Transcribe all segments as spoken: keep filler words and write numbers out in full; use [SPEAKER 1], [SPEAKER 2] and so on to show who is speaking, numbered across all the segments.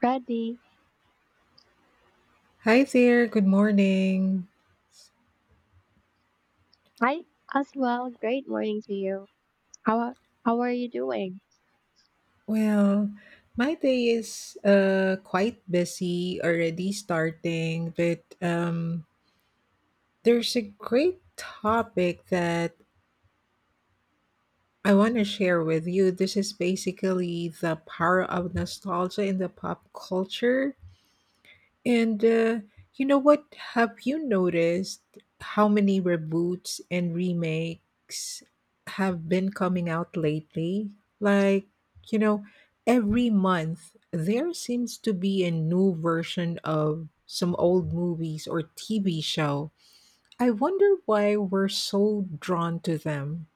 [SPEAKER 1] Ready.
[SPEAKER 2] Hi there, good morning.
[SPEAKER 1] Hi as well. Great morning to you. How are- how are you doing?
[SPEAKER 2] Well, my day is uh quite busy already starting, but um there's a great topic that I want to share with you. This is basically the power of nostalgia in the pop culture. And uh, you know what? Have you noticed how many reboots and remakes have been coming out lately? Like, you know, every month there seems to be a new version of some old movies or T V show. I wonder why we're so drawn to them.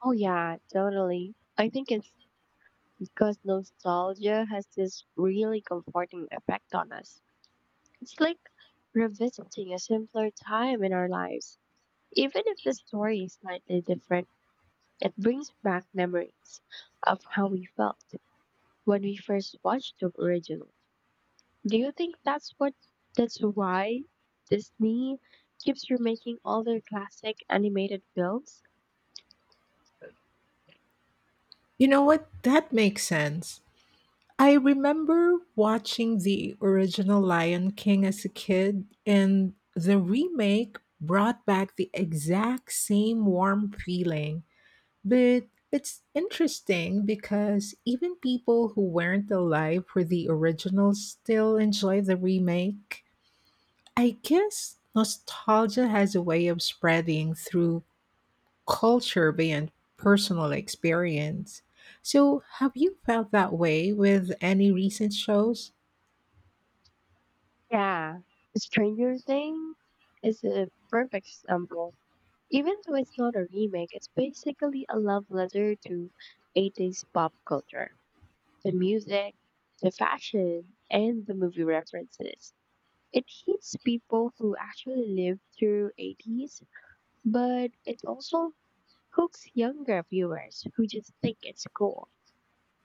[SPEAKER 1] Oh yeah, totally. I think it's because nostalgia has this really comforting effect on us. It's like revisiting a simpler time in our lives. Even if the story is slightly different, it brings back memories of how we felt when we first watched the original. Do you think that's what that's why Disney keeps remaking all their classic animated films?
[SPEAKER 2] You know what? That makes sense. I remember watching the original Lion King as a kid, and the remake brought back the exact same warm feeling. But it's interesting because even people who weren't alive for the original still enjoy the remake. I guess nostalgia has a way of spreading through culture beyond personal experience. So, have you felt that way with any recent shows?
[SPEAKER 1] Yeah, Stranger Things is a perfect example. Even though it's not a remake, it's basically a love letter to eighties pop culture. The music, the fashion, and the movie references. It hits people who actually lived through eighties, but it also hooks younger viewers who just think it's cool.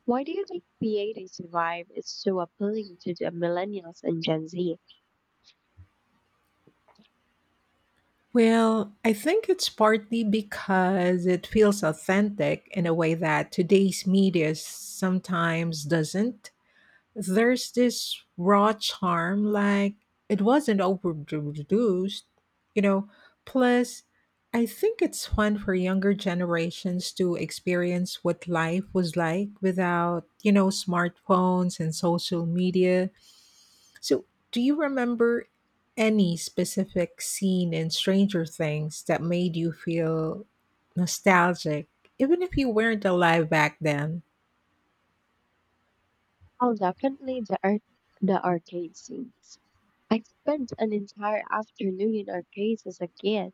[SPEAKER 1] Why do you think creative survive is so appealing to the millennials and Gen Z?
[SPEAKER 2] Well, I think it's partly because it feels authentic in a way that today's media sometimes doesn't. There's this raw charm, like it wasn't overproduced, you know. Plus, I think it's fun for younger generations to experience what life was like without, you know, smartphones and social media. So, do you remember any specific scene in Stranger Things that made you feel nostalgic, even if you weren't alive back then?
[SPEAKER 1] Oh, definitely the art, the arcade scenes. I spent an entire afternoon in arcades as a kid,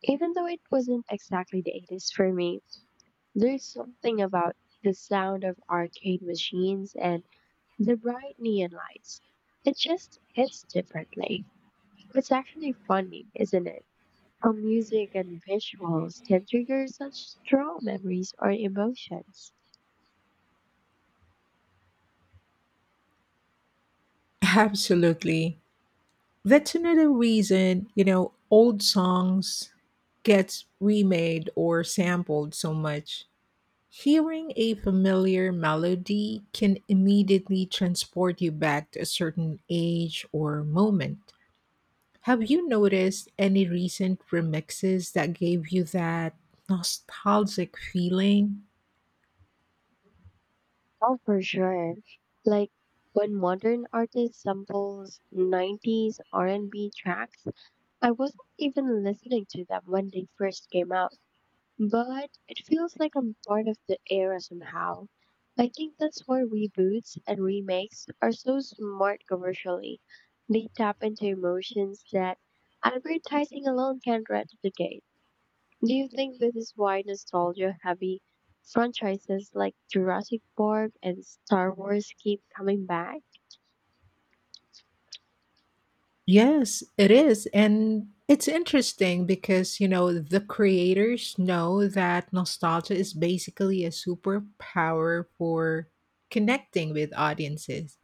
[SPEAKER 1] even though it wasn't exactly the eighties for me. There's something about the sound of arcade machines and the bright neon lights. It just hits differently. It's actually funny, isn't it? How music and visuals can trigger such strong memories or emotions.
[SPEAKER 2] Absolutely. That's another reason, you know, old songs gets remade or sampled so much. Hearing a familiar melody can immediately transport you back to a certain age or moment. Have you noticed any recent remixes that gave you that nostalgic feeling?
[SPEAKER 1] Oh, for sure. Like when modern artists samples nineties R and B tracks, I wasn't even listening to them when they first came out, but it feels like I'm part of the era somehow. I think that's why reboots and remakes are so smart commercially. They tap into emotions that advertising alone can't replicate. Do you think this is why nostalgia heavy franchises like Jurassic Park and Star Wars keep coming back?
[SPEAKER 2] Yes, it is. And it's interesting because, you know, the creators know that nostalgia is basically a superpower for connecting with audiences.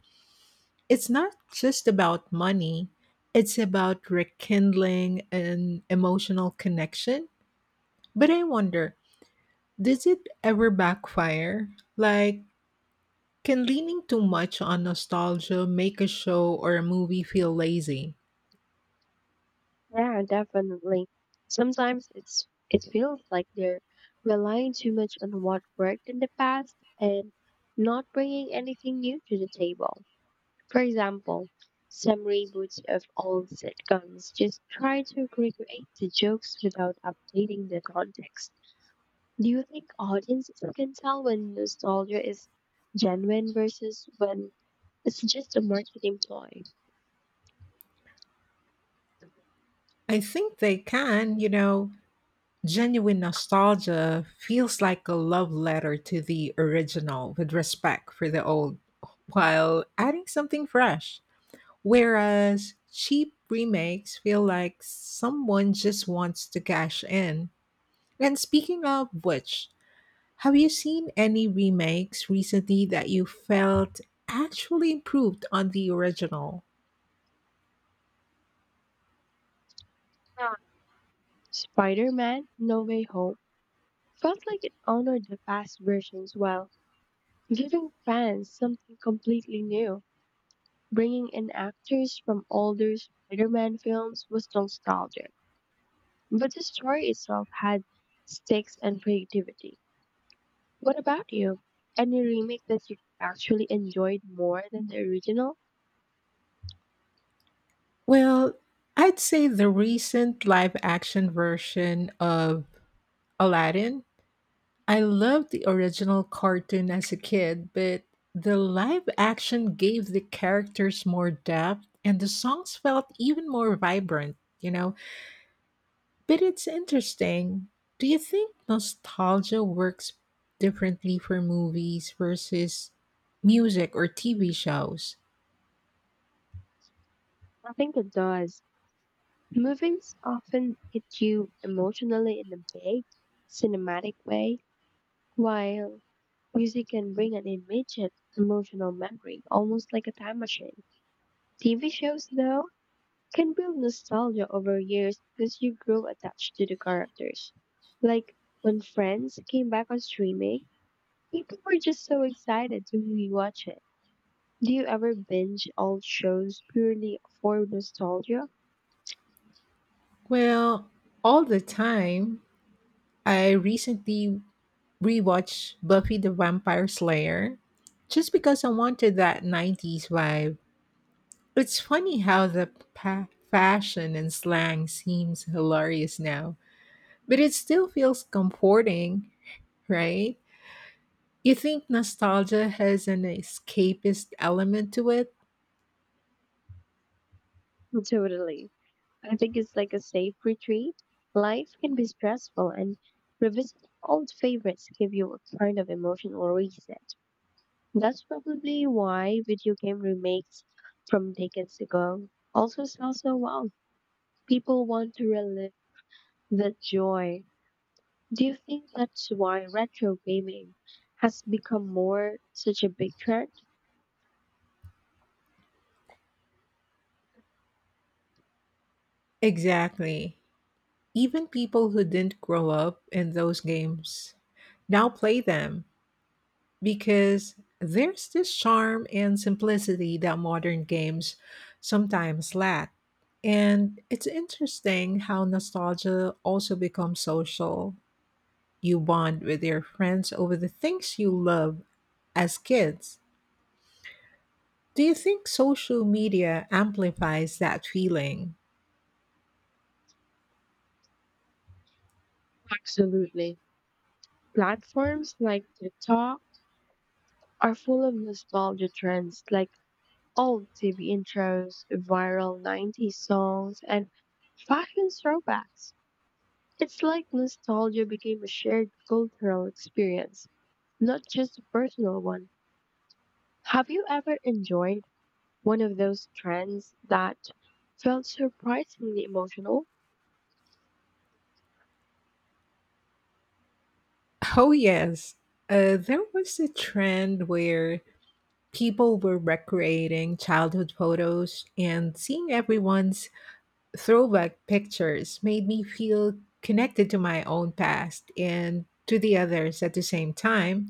[SPEAKER 2] It's not just about money, it's about rekindling an emotional connection. But I wonder, does it ever backfire? Like, can leaning too much on nostalgia make a show or a movie feel lazy?
[SPEAKER 1] Yeah, definitely. Sometimes it's it feels like they're relying too much on what worked in the past and not bringing anything new to the table. For example, some reboots of old sitcoms just try to recreate the jokes without updating the context. Do you think audiences can tell when nostalgia is genuine versus when it's just a marketing ploy?
[SPEAKER 2] I think they can, you know. Genuine nostalgia feels like a love letter to the original with respect for the old while adding something fresh. Whereas cheap remakes feel like someone just wants to cash in. And speaking of which, have you seen any remakes recently that you felt actually improved on the original?
[SPEAKER 1] Spider Man No Way Home felt like it honored the past versions while giving fans something completely new. Bringing in actors from older Spider Man films was nostalgic, but the story itself had stakes and creativity. What about you? Any remake that you actually enjoyed more than the original?
[SPEAKER 2] Well, I'd say the recent live action version of Aladdin. I loved the original cartoon as a kid, but the live action gave the characters more depth and the songs felt even more vibrant, you know? But it's interesting. Do you think nostalgia works differently for movies versus music or T V shows?
[SPEAKER 1] I think it does. Movies often hit you emotionally in a big, cinematic way, while music can bring an immediate emotional memory, almost like a time machine. T V shows, though, can build nostalgia over years because you grow attached to the characters. Like when Friends came back on streaming, people were just so excited to rewatch it. Do you ever binge old shows purely for nostalgia?
[SPEAKER 2] Well, all the time. I recently rewatched Buffy the Vampire Slayer just because I wanted that nineties vibe. It's funny how the pa- fashion and slang seems hilarious now, but it still feels comforting, right? You think nostalgia has an escapist element to it?
[SPEAKER 1] Totally. I think it's like a safe retreat. Life can be stressful, and revisiting old favorites give you a kind of emotional reset. That's probably why video game remakes from decades ago also sell so well. People want to relive that joy. Do you think that's why retro gaming has become more such a big trend?
[SPEAKER 2] Exactly. Even people who didn't grow up in those games now play them because there's this charm and simplicity that modern games sometimes lack. And it's interesting how nostalgia also becomes social. You bond with your friends over the things you love as kids. Do you think social media amplifies that feeling?
[SPEAKER 1] Absolutely. Platforms like TikTok are full of nostalgia trends like old T V intros, viral nineties songs, and fashion throwbacks. It's like nostalgia became a shared cultural experience, not just a personal one. Have you ever enjoyed one of those trends that felt surprisingly emotional?
[SPEAKER 2] Oh, yes. Uh, there was a trend where people were recreating childhood photos, and seeing everyone's throwback pictures made me feel connected to my own past and to the others at the same time.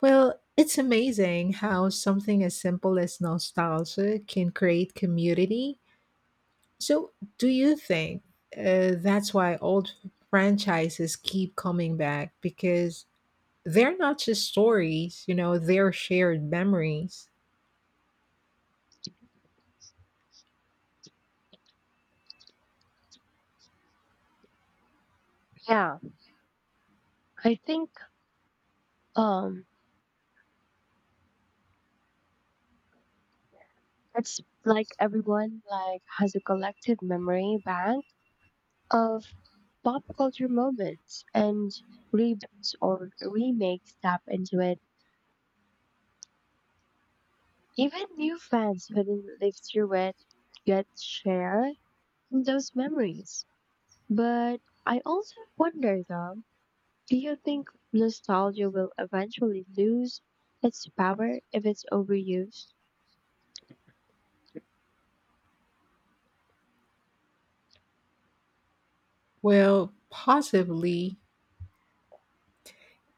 [SPEAKER 2] Well, it's amazing how something as simple as nostalgia can create community. So, do you think uh, that's why old franchises keep coming back? Because they're not just stories, you know, they're shared memories.
[SPEAKER 1] Yeah, I think um it's like everyone like has a collective memory bank of pop culture moments and reboots or remakes tap into it. Even new fans who didn't live through it get share in those memories. But I also wonder though, do you think nostalgia will eventually lose its power if it's overused?
[SPEAKER 2] Well, possibly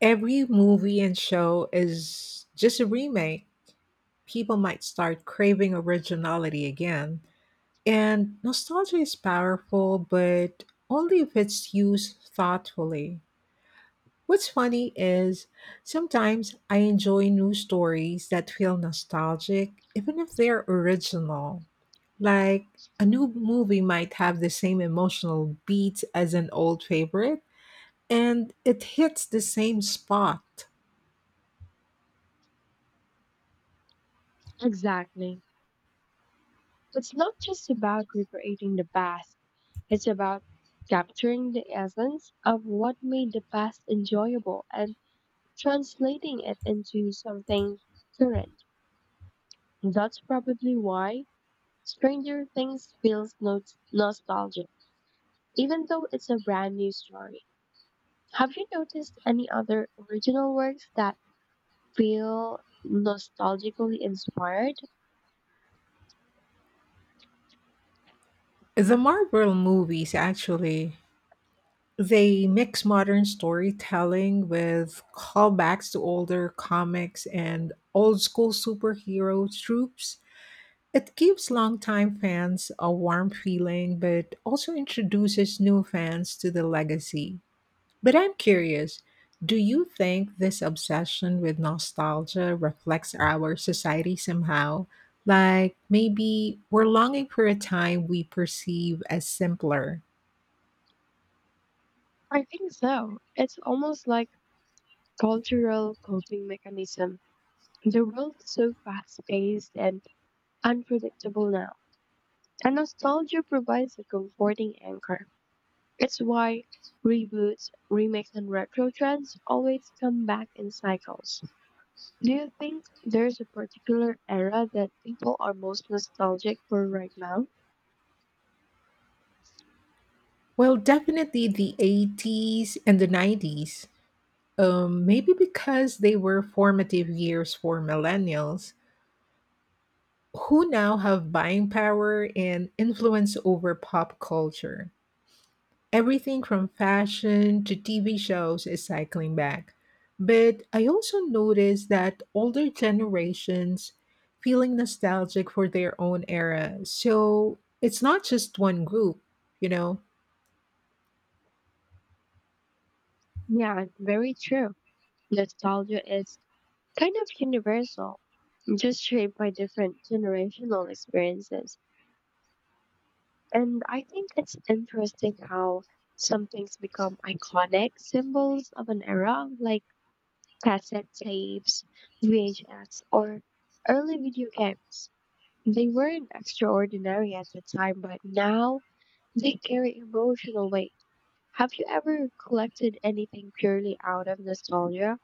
[SPEAKER 2] every movie and show is just a remake. People might start craving originality again. And nostalgia is powerful, but only if it's used thoughtfully. What's funny is sometimes I enjoy new stories that feel nostalgic, even if they're original. Like a new movie might have the same emotional beat as an old favorite, and it hits the same spot.
[SPEAKER 1] Exactly. It's not just about recreating the past, it's about capturing the essence of what made the past enjoyable and translating it into something current. That's probably why Stranger Things feels no- nostalgic, even though it's a brand new story. Have you noticed any other original works that feel nostalgically inspired?
[SPEAKER 2] The Marvel movies actually. They mix modern storytelling with callbacks to older comics and old school superhero tropes. It gives longtime fans a warm feeling, but also introduces new fans to the legacy. But I'm curious, do you think this obsession with nostalgia reflects our society somehow? Like maybe we're longing for a time we perceive as simpler.
[SPEAKER 1] I think so. It's almost like cultural coping mechanism. The world's so fast-paced and unpredictable now, and nostalgia provides a comforting anchor. It's why reboots, remakes, and retro trends always come back in cycles. Do you think there's a particular era that people are most nostalgic for right now?
[SPEAKER 2] Well, definitely the eighties and the nineties. Um, maybe because they were formative years for millennials who now have buying power and influence over pop culture. Everything from fashion to T V shows is cycling back. But I also notice that older generations feeling nostalgic for their own era. So it's not just one group, you know.
[SPEAKER 1] Yeah, very true. Nostalgia is kind of universal, just shaped by different generational experiences. And I think it's interesting how some things become iconic symbols of an era, like cassette tapes, V H S, or early video games. They weren't extraordinary at the time, but now they carry emotional weight. Have you ever collected anything purely out of nostalgia?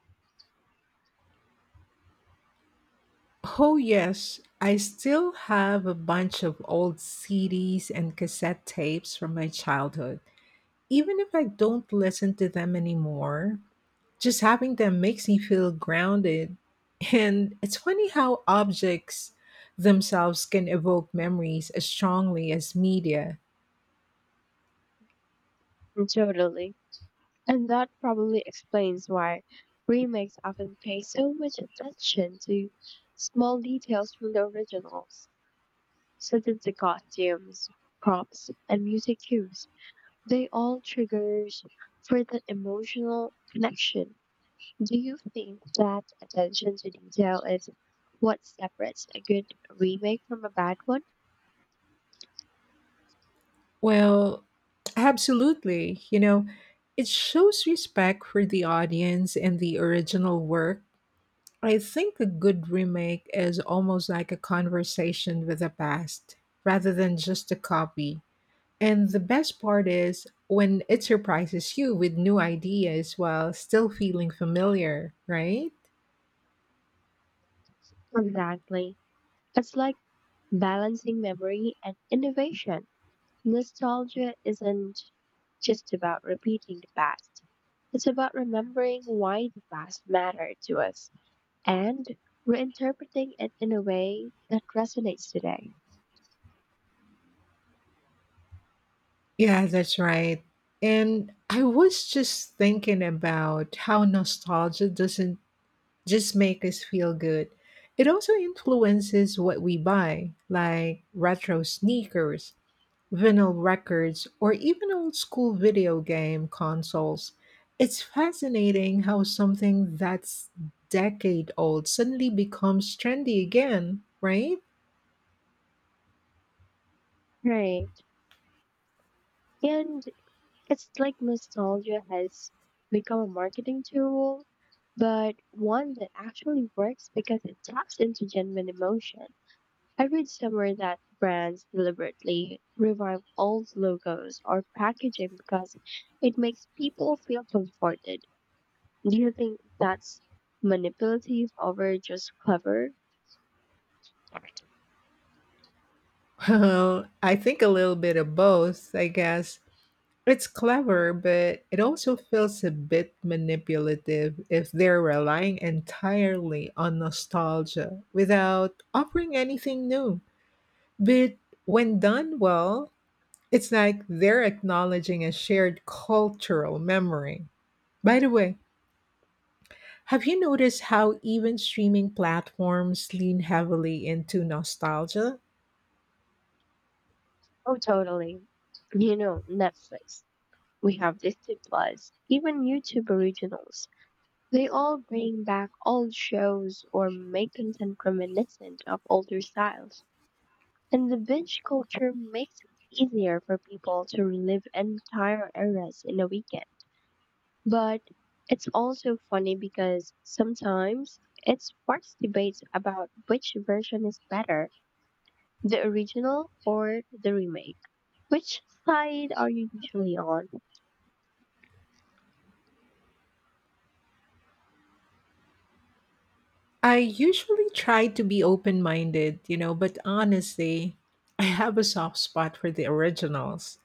[SPEAKER 2] Oh yes, I still have a bunch of old C Ds and cassette tapes from my childhood even if I don't listen to them anymore. Just having them makes me feel grounded. And it's funny how objects themselves can evoke memories as strongly as media.
[SPEAKER 1] Mm, totally. And that probably explains why remakes often pay so much attention to small details from the originals, such as the costumes, props, and music cues. They all triggers for that emotional connection. Do you think that attention to detail is what separates a good remake from a bad one?
[SPEAKER 2] Well, absolutely. You know, it shows respect for the audience and the original work. I think a good remake is almost like a conversation with the past rather than just a copy. And the best part is when it surprises you with new ideas while still feeling familiar, right?
[SPEAKER 1] Exactly. It's like balancing memory and innovation. Nostalgia isn't just about repeating the past. It's about remembering why the past mattered to us and reinterpreting it in a way that resonates today.
[SPEAKER 2] Yeah, that's right. And I was just thinking about how nostalgia doesn't just make us feel good. It also influences what we buy, like retro sneakers, vinyl records, or even old school video game consoles. It's fascinating how something that's decade old suddenly becomes trendy again, right?
[SPEAKER 1] Right. And it's like nostalgia has become a marketing tool, but one that actually works because it taps into genuine emotion. I read somewhere that brands deliberately revive old logos or packaging because it makes people feel comforted. Do you think that's manipulative or just clever?
[SPEAKER 2] Well, I think a little bit of both, I guess. It's clever, but it also feels a bit manipulative if they're relying entirely on nostalgia without offering anything new. But when done well, it's like they're acknowledging a shared cultural memory. By the way, have you noticed how even streaming platforms lean heavily into nostalgia?
[SPEAKER 1] Oh, totally. You know, Netflix. We have Disney Plus, even YouTube originals. They all bring back old shows or make content reminiscent of older styles. And the binge culture makes it easier for people to relive entire eras in a weekend. But it's also funny because sometimes it sparks debates about which version is better, the original or the remake? Which side are you usually on?
[SPEAKER 2] I usually try to be open minded, you know, but honestly, I have a soft spot for the originals.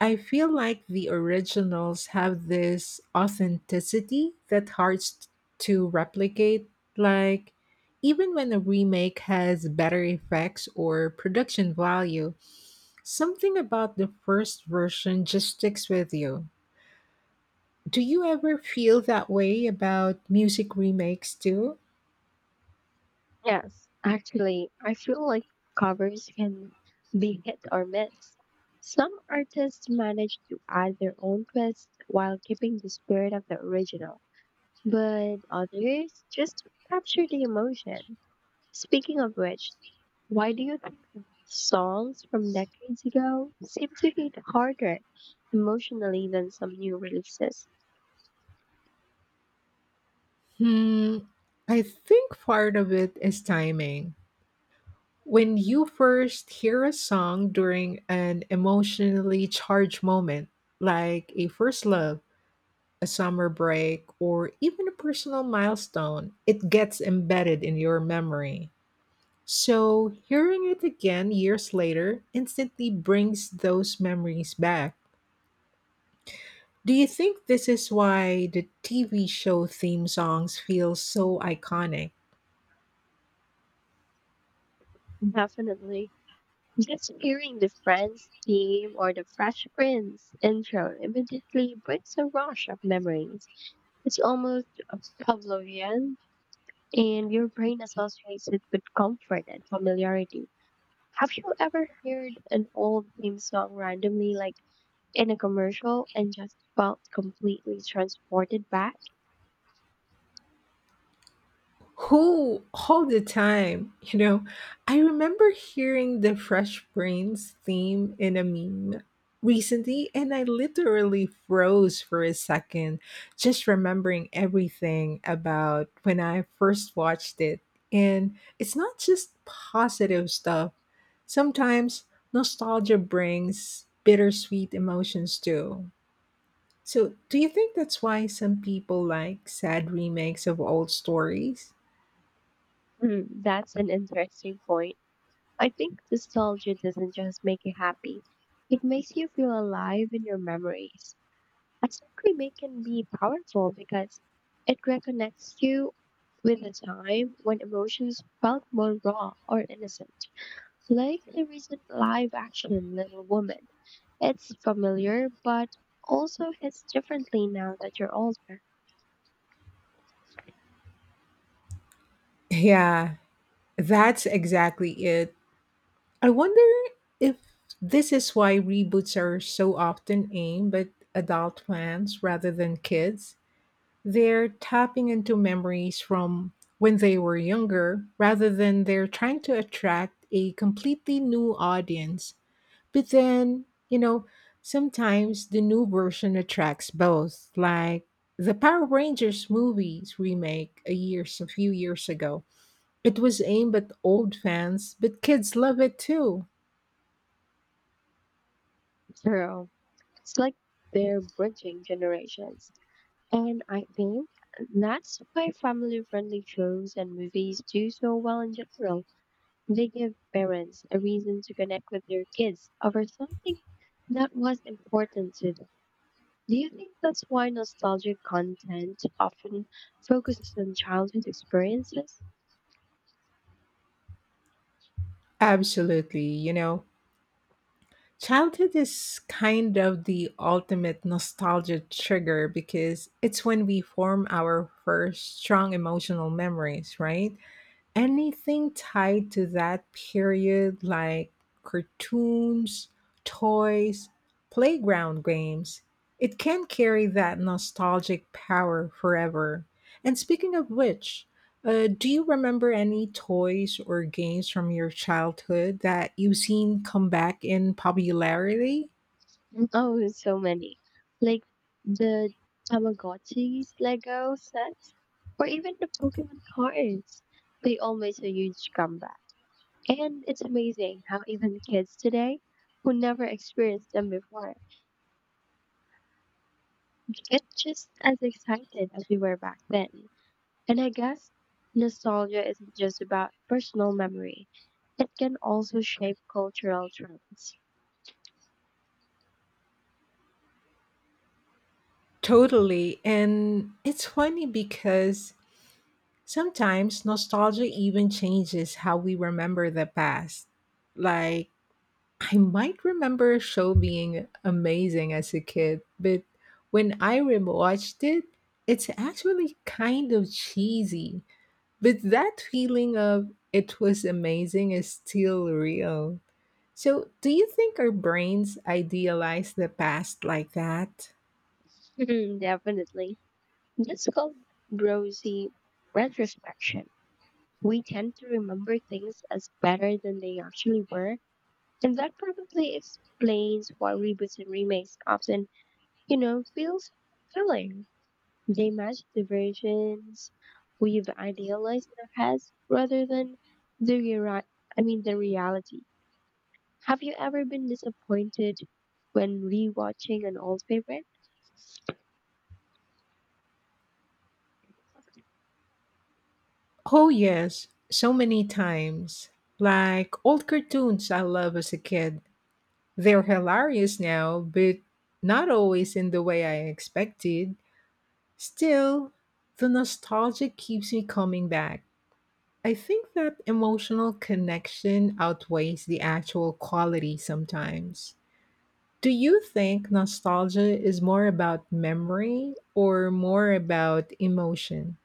[SPEAKER 2] I feel like the originals have this authenticity that's hard s- to replicate. Like, even when a remake has better effects or production value, something about the first version just sticks with you. Do you ever feel that way about music remakes too?
[SPEAKER 1] Yes, actually, I feel like covers can be hit or miss. Some artists manage to add their own twist while keeping the spirit of the original, but others just capture the emotion. Speaking of which, why do you think songs from decades ago seem to hit harder emotionally than some new releases?
[SPEAKER 2] Hmm, I think part of it is timing. When you first hear a song during an emotionally charged moment, like a first love, a summer break, or even a personal milestone, it gets embedded in your memory. So, hearing it again years later instantly brings those memories back. Do you think this is why the T V show theme songs feel so iconic?
[SPEAKER 1] Definitely. Just hearing the Friends theme or the Fresh Prince intro immediately brings a rush of memories. It's almost Pavlovian, and your brain associates it with comfort and familiarity. Have you ever heard an old theme song randomly, like in a commercial, and just felt completely transported back?
[SPEAKER 2] Who all the time, you know? I remember hearing the Fresh Prince theme in a meme recently, and I literally froze for a second, just remembering everything about when I first watched it. And it's not just positive stuff. Sometimes nostalgia brings bittersweet emotions too. So, do you think that's why some people like sad remakes of old stories?
[SPEAKER 1] Hmm, that's an interesting point. I think nostalgia doesn't just make you happy, it makes you feel alive in your memories. I think remake can be powerful because it reconnects you with a time when emotions felt more raw or innocent. Like the recent live action Little Woman. It's familiar, but also hits differently now that you're older.
[SPEAKER 2] Yeah, that's exactly it. I wonder if this is why reboots are so often aimed at adult fans rather than kids. They're tapping into memories from when they were younger rather than they're trying to attract a completely new audience. But then, you know, sometimes the new version attracts both, like the Power Rangers movies remake a years a few years ago it was aimed at old fans, but kids love it too.
[SPEAKER 1] So it's like they're bridging generations. And I think that's why family friendly shows and movies do so well in general. They give parents a reason to connect with their kids over something that was important to them. Do you think that's why nostalgic content often focuses on childhood experiences?
[SPEAKER 2] Absolutely, you know. Childhood is kind of the ultimate nostalgia trigger because it's when we form our first strong emotional memories, right? Anything tied to that period, like cartoons, toys, playground games, it can carry that nostalgic power forever. And speaking of which, uh, do you remember any toys or games from your childhood that you've seen come back in popularity?
[SPEAKER 1] Mm, oh, so many. Like the Tamagotchis, Lego sets, or even the Pokemon cards. They all made a huge comeback. And it's amazing how even kids today who never experienced them before it's just as excited as we were back then. And I guess nostalgia isn't just about personal memory, it can also shape cultural trends.
[SPEAKER 2] Totally. And it's funny because sometimes nostalgia even changes how we remember the past. Like, I might remember a show being amazing as a kid, but when I rewatched it, it's actually kind of cheesy. But that feeling of it was amazing is still real. So, do you think our brains idealize the past like that?
[SPEAKER 1] Definitely. That's called brosy retrospection. We tend to remember things as better than they actually were, and that probably explains why reboots and remakes often, you know, feel so fulfilling. They match the versions we've idealized in our heads rather than the re- I mean the reality. Have you ever been disappointed when rewatching an old favorite?
[SPEAKER 2] Oh, yes, so many times. Like old cartoons I love as a kid. They're hilarious now, but not always in the way I expected. Still, the nostalgia keeps me coming back. I think that emotional connection outweighs the actual quality sometimes. Do you think nostalgia is more about memory or more about emotion?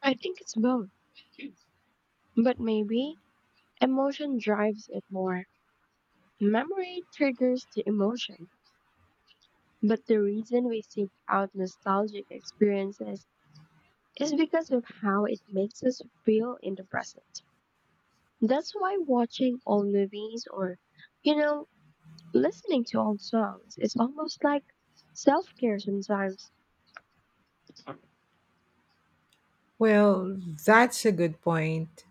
[SPEAKER 1] I think it's both, but maybe emotion drives it more. Memory triggers the emotion, but the reason we seek out nostalgic experiences is because of how it makes us feel in the present. That's why watching old movies or, you know, listening to old songs is almost like self care sometimes.
[SPEAKER 2] Well, that's a good point.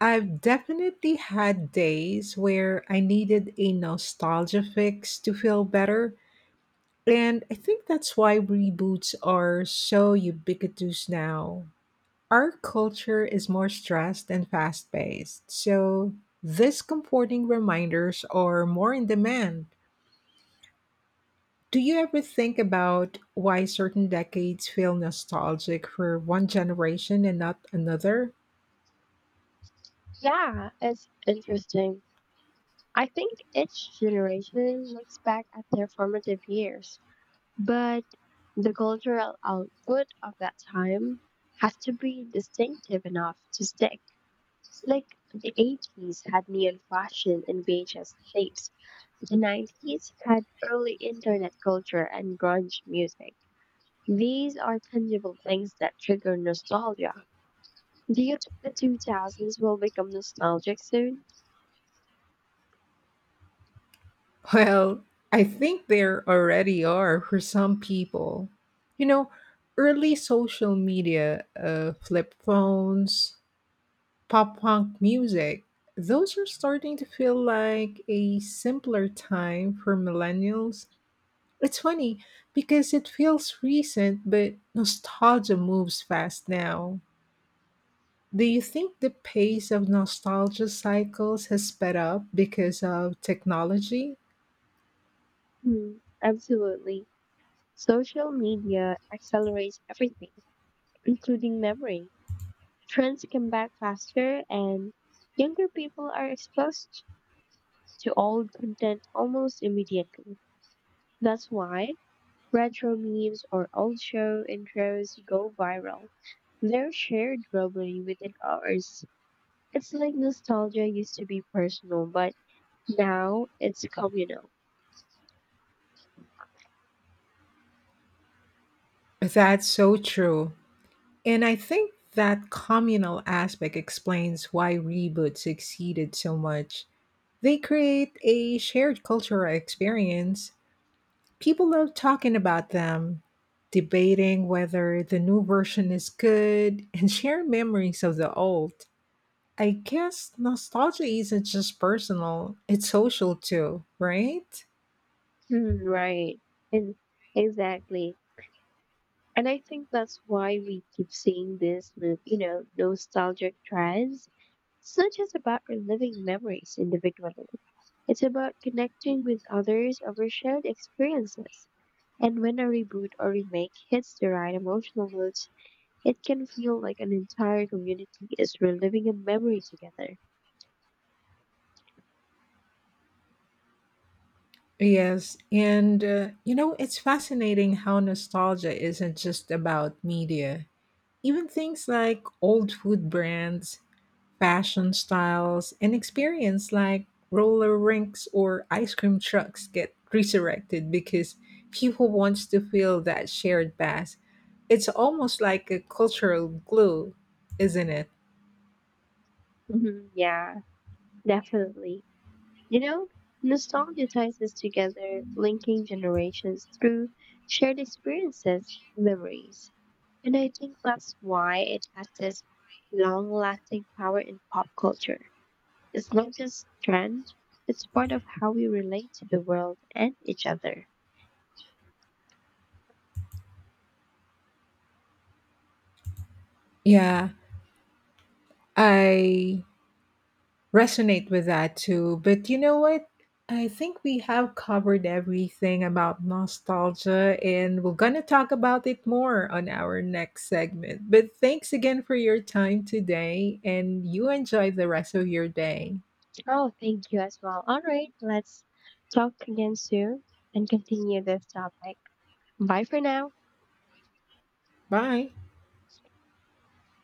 [SPEAKER 2] I've definitely had days where I needed a nostalgia fix to feel better, and I think that's why reboots are so ubiquitous now. Our culture is more stressed and fast paced, so these comforting reminders are more in demand. Do you ever think about why certain decades feel nostalgic for one generation and not another?
[SPEAKER 1] Yeah, it's interesting. I think each generation looks back at their formative years, but the cultural output of that time has to be distinctive enough to stick. Like the eighties had neon fashion and V H S tapes. The nineties had early internet culture and grunge music. These are tangible things that trigger nostalgia. Do you think the two thousands will become nostalgic soon?
[SPEAKER 2] Well, I think there already are for some people. You know, early social media, uh, flip phones, pop punk music, those are starting to feel like a simpler time for millennials. It's funny because it feels recent, but nostalgia moves fast now. Do you think the pace of nostalgia cycles has sped up because of technology?
[SPEAKER 1] Hmm, absolutely. Social media accelerates everything, including memory. Trends come back faster, and younger people are exposed to old content almost immediately. That's why retro memes or old show intros go viral. They're shared globally within hours. It's like nostalgia used to be personal, but now it's communal.
[SPEAKER 2] That's so true. And I think that communal aspect explains why reboots succeeded so much. They create a shared cultural experience. People love talking about them, debating whether the new version is good, and sharing memories of the old. I guess nostalgia isn't just personal, it's social too, right?
[SPEAKER 1] Hmm, right. And exactly. And I think that's why we keep seeing this with, you know, nostalgic trends. It's not just about reliving memories individually. It's about connecting with others over shared experiences. And when a reboot or remake hits the right emotional notes, it can feel like an entire community is reliving a memory together.
[SPEAKER 2] Yes, and uh, you know, it's fascinating how nostalgia isn't just about media. Even things like old food brands, fashion styles and experience like roller rinks or ice cream trucks get resurrected because people want to feel that shared past. It's almost like a cultural glue, isn't it?
[SPEAKER 1] Hmm, yeah, definitely. You know, nostalgia ties us together, linking generations through shared experiences, memories. And I think that's why it has this long lasting power in pop culture. It's not just trend, it's part of how we relate to the world and each other.
[SPEAKER 2] Yeah, I resonate with that too. But you know what? I think we have covered everything about nostalgia, and we're going to talk about it more on our next segment. But thanks again for your time today, and you enjoy the rest of your day.
[SPEAKER 1] Oh, thank you as well. All right, let's talk again soon and continue this topic. Bye for now.
[SPEAKER 2] Bye.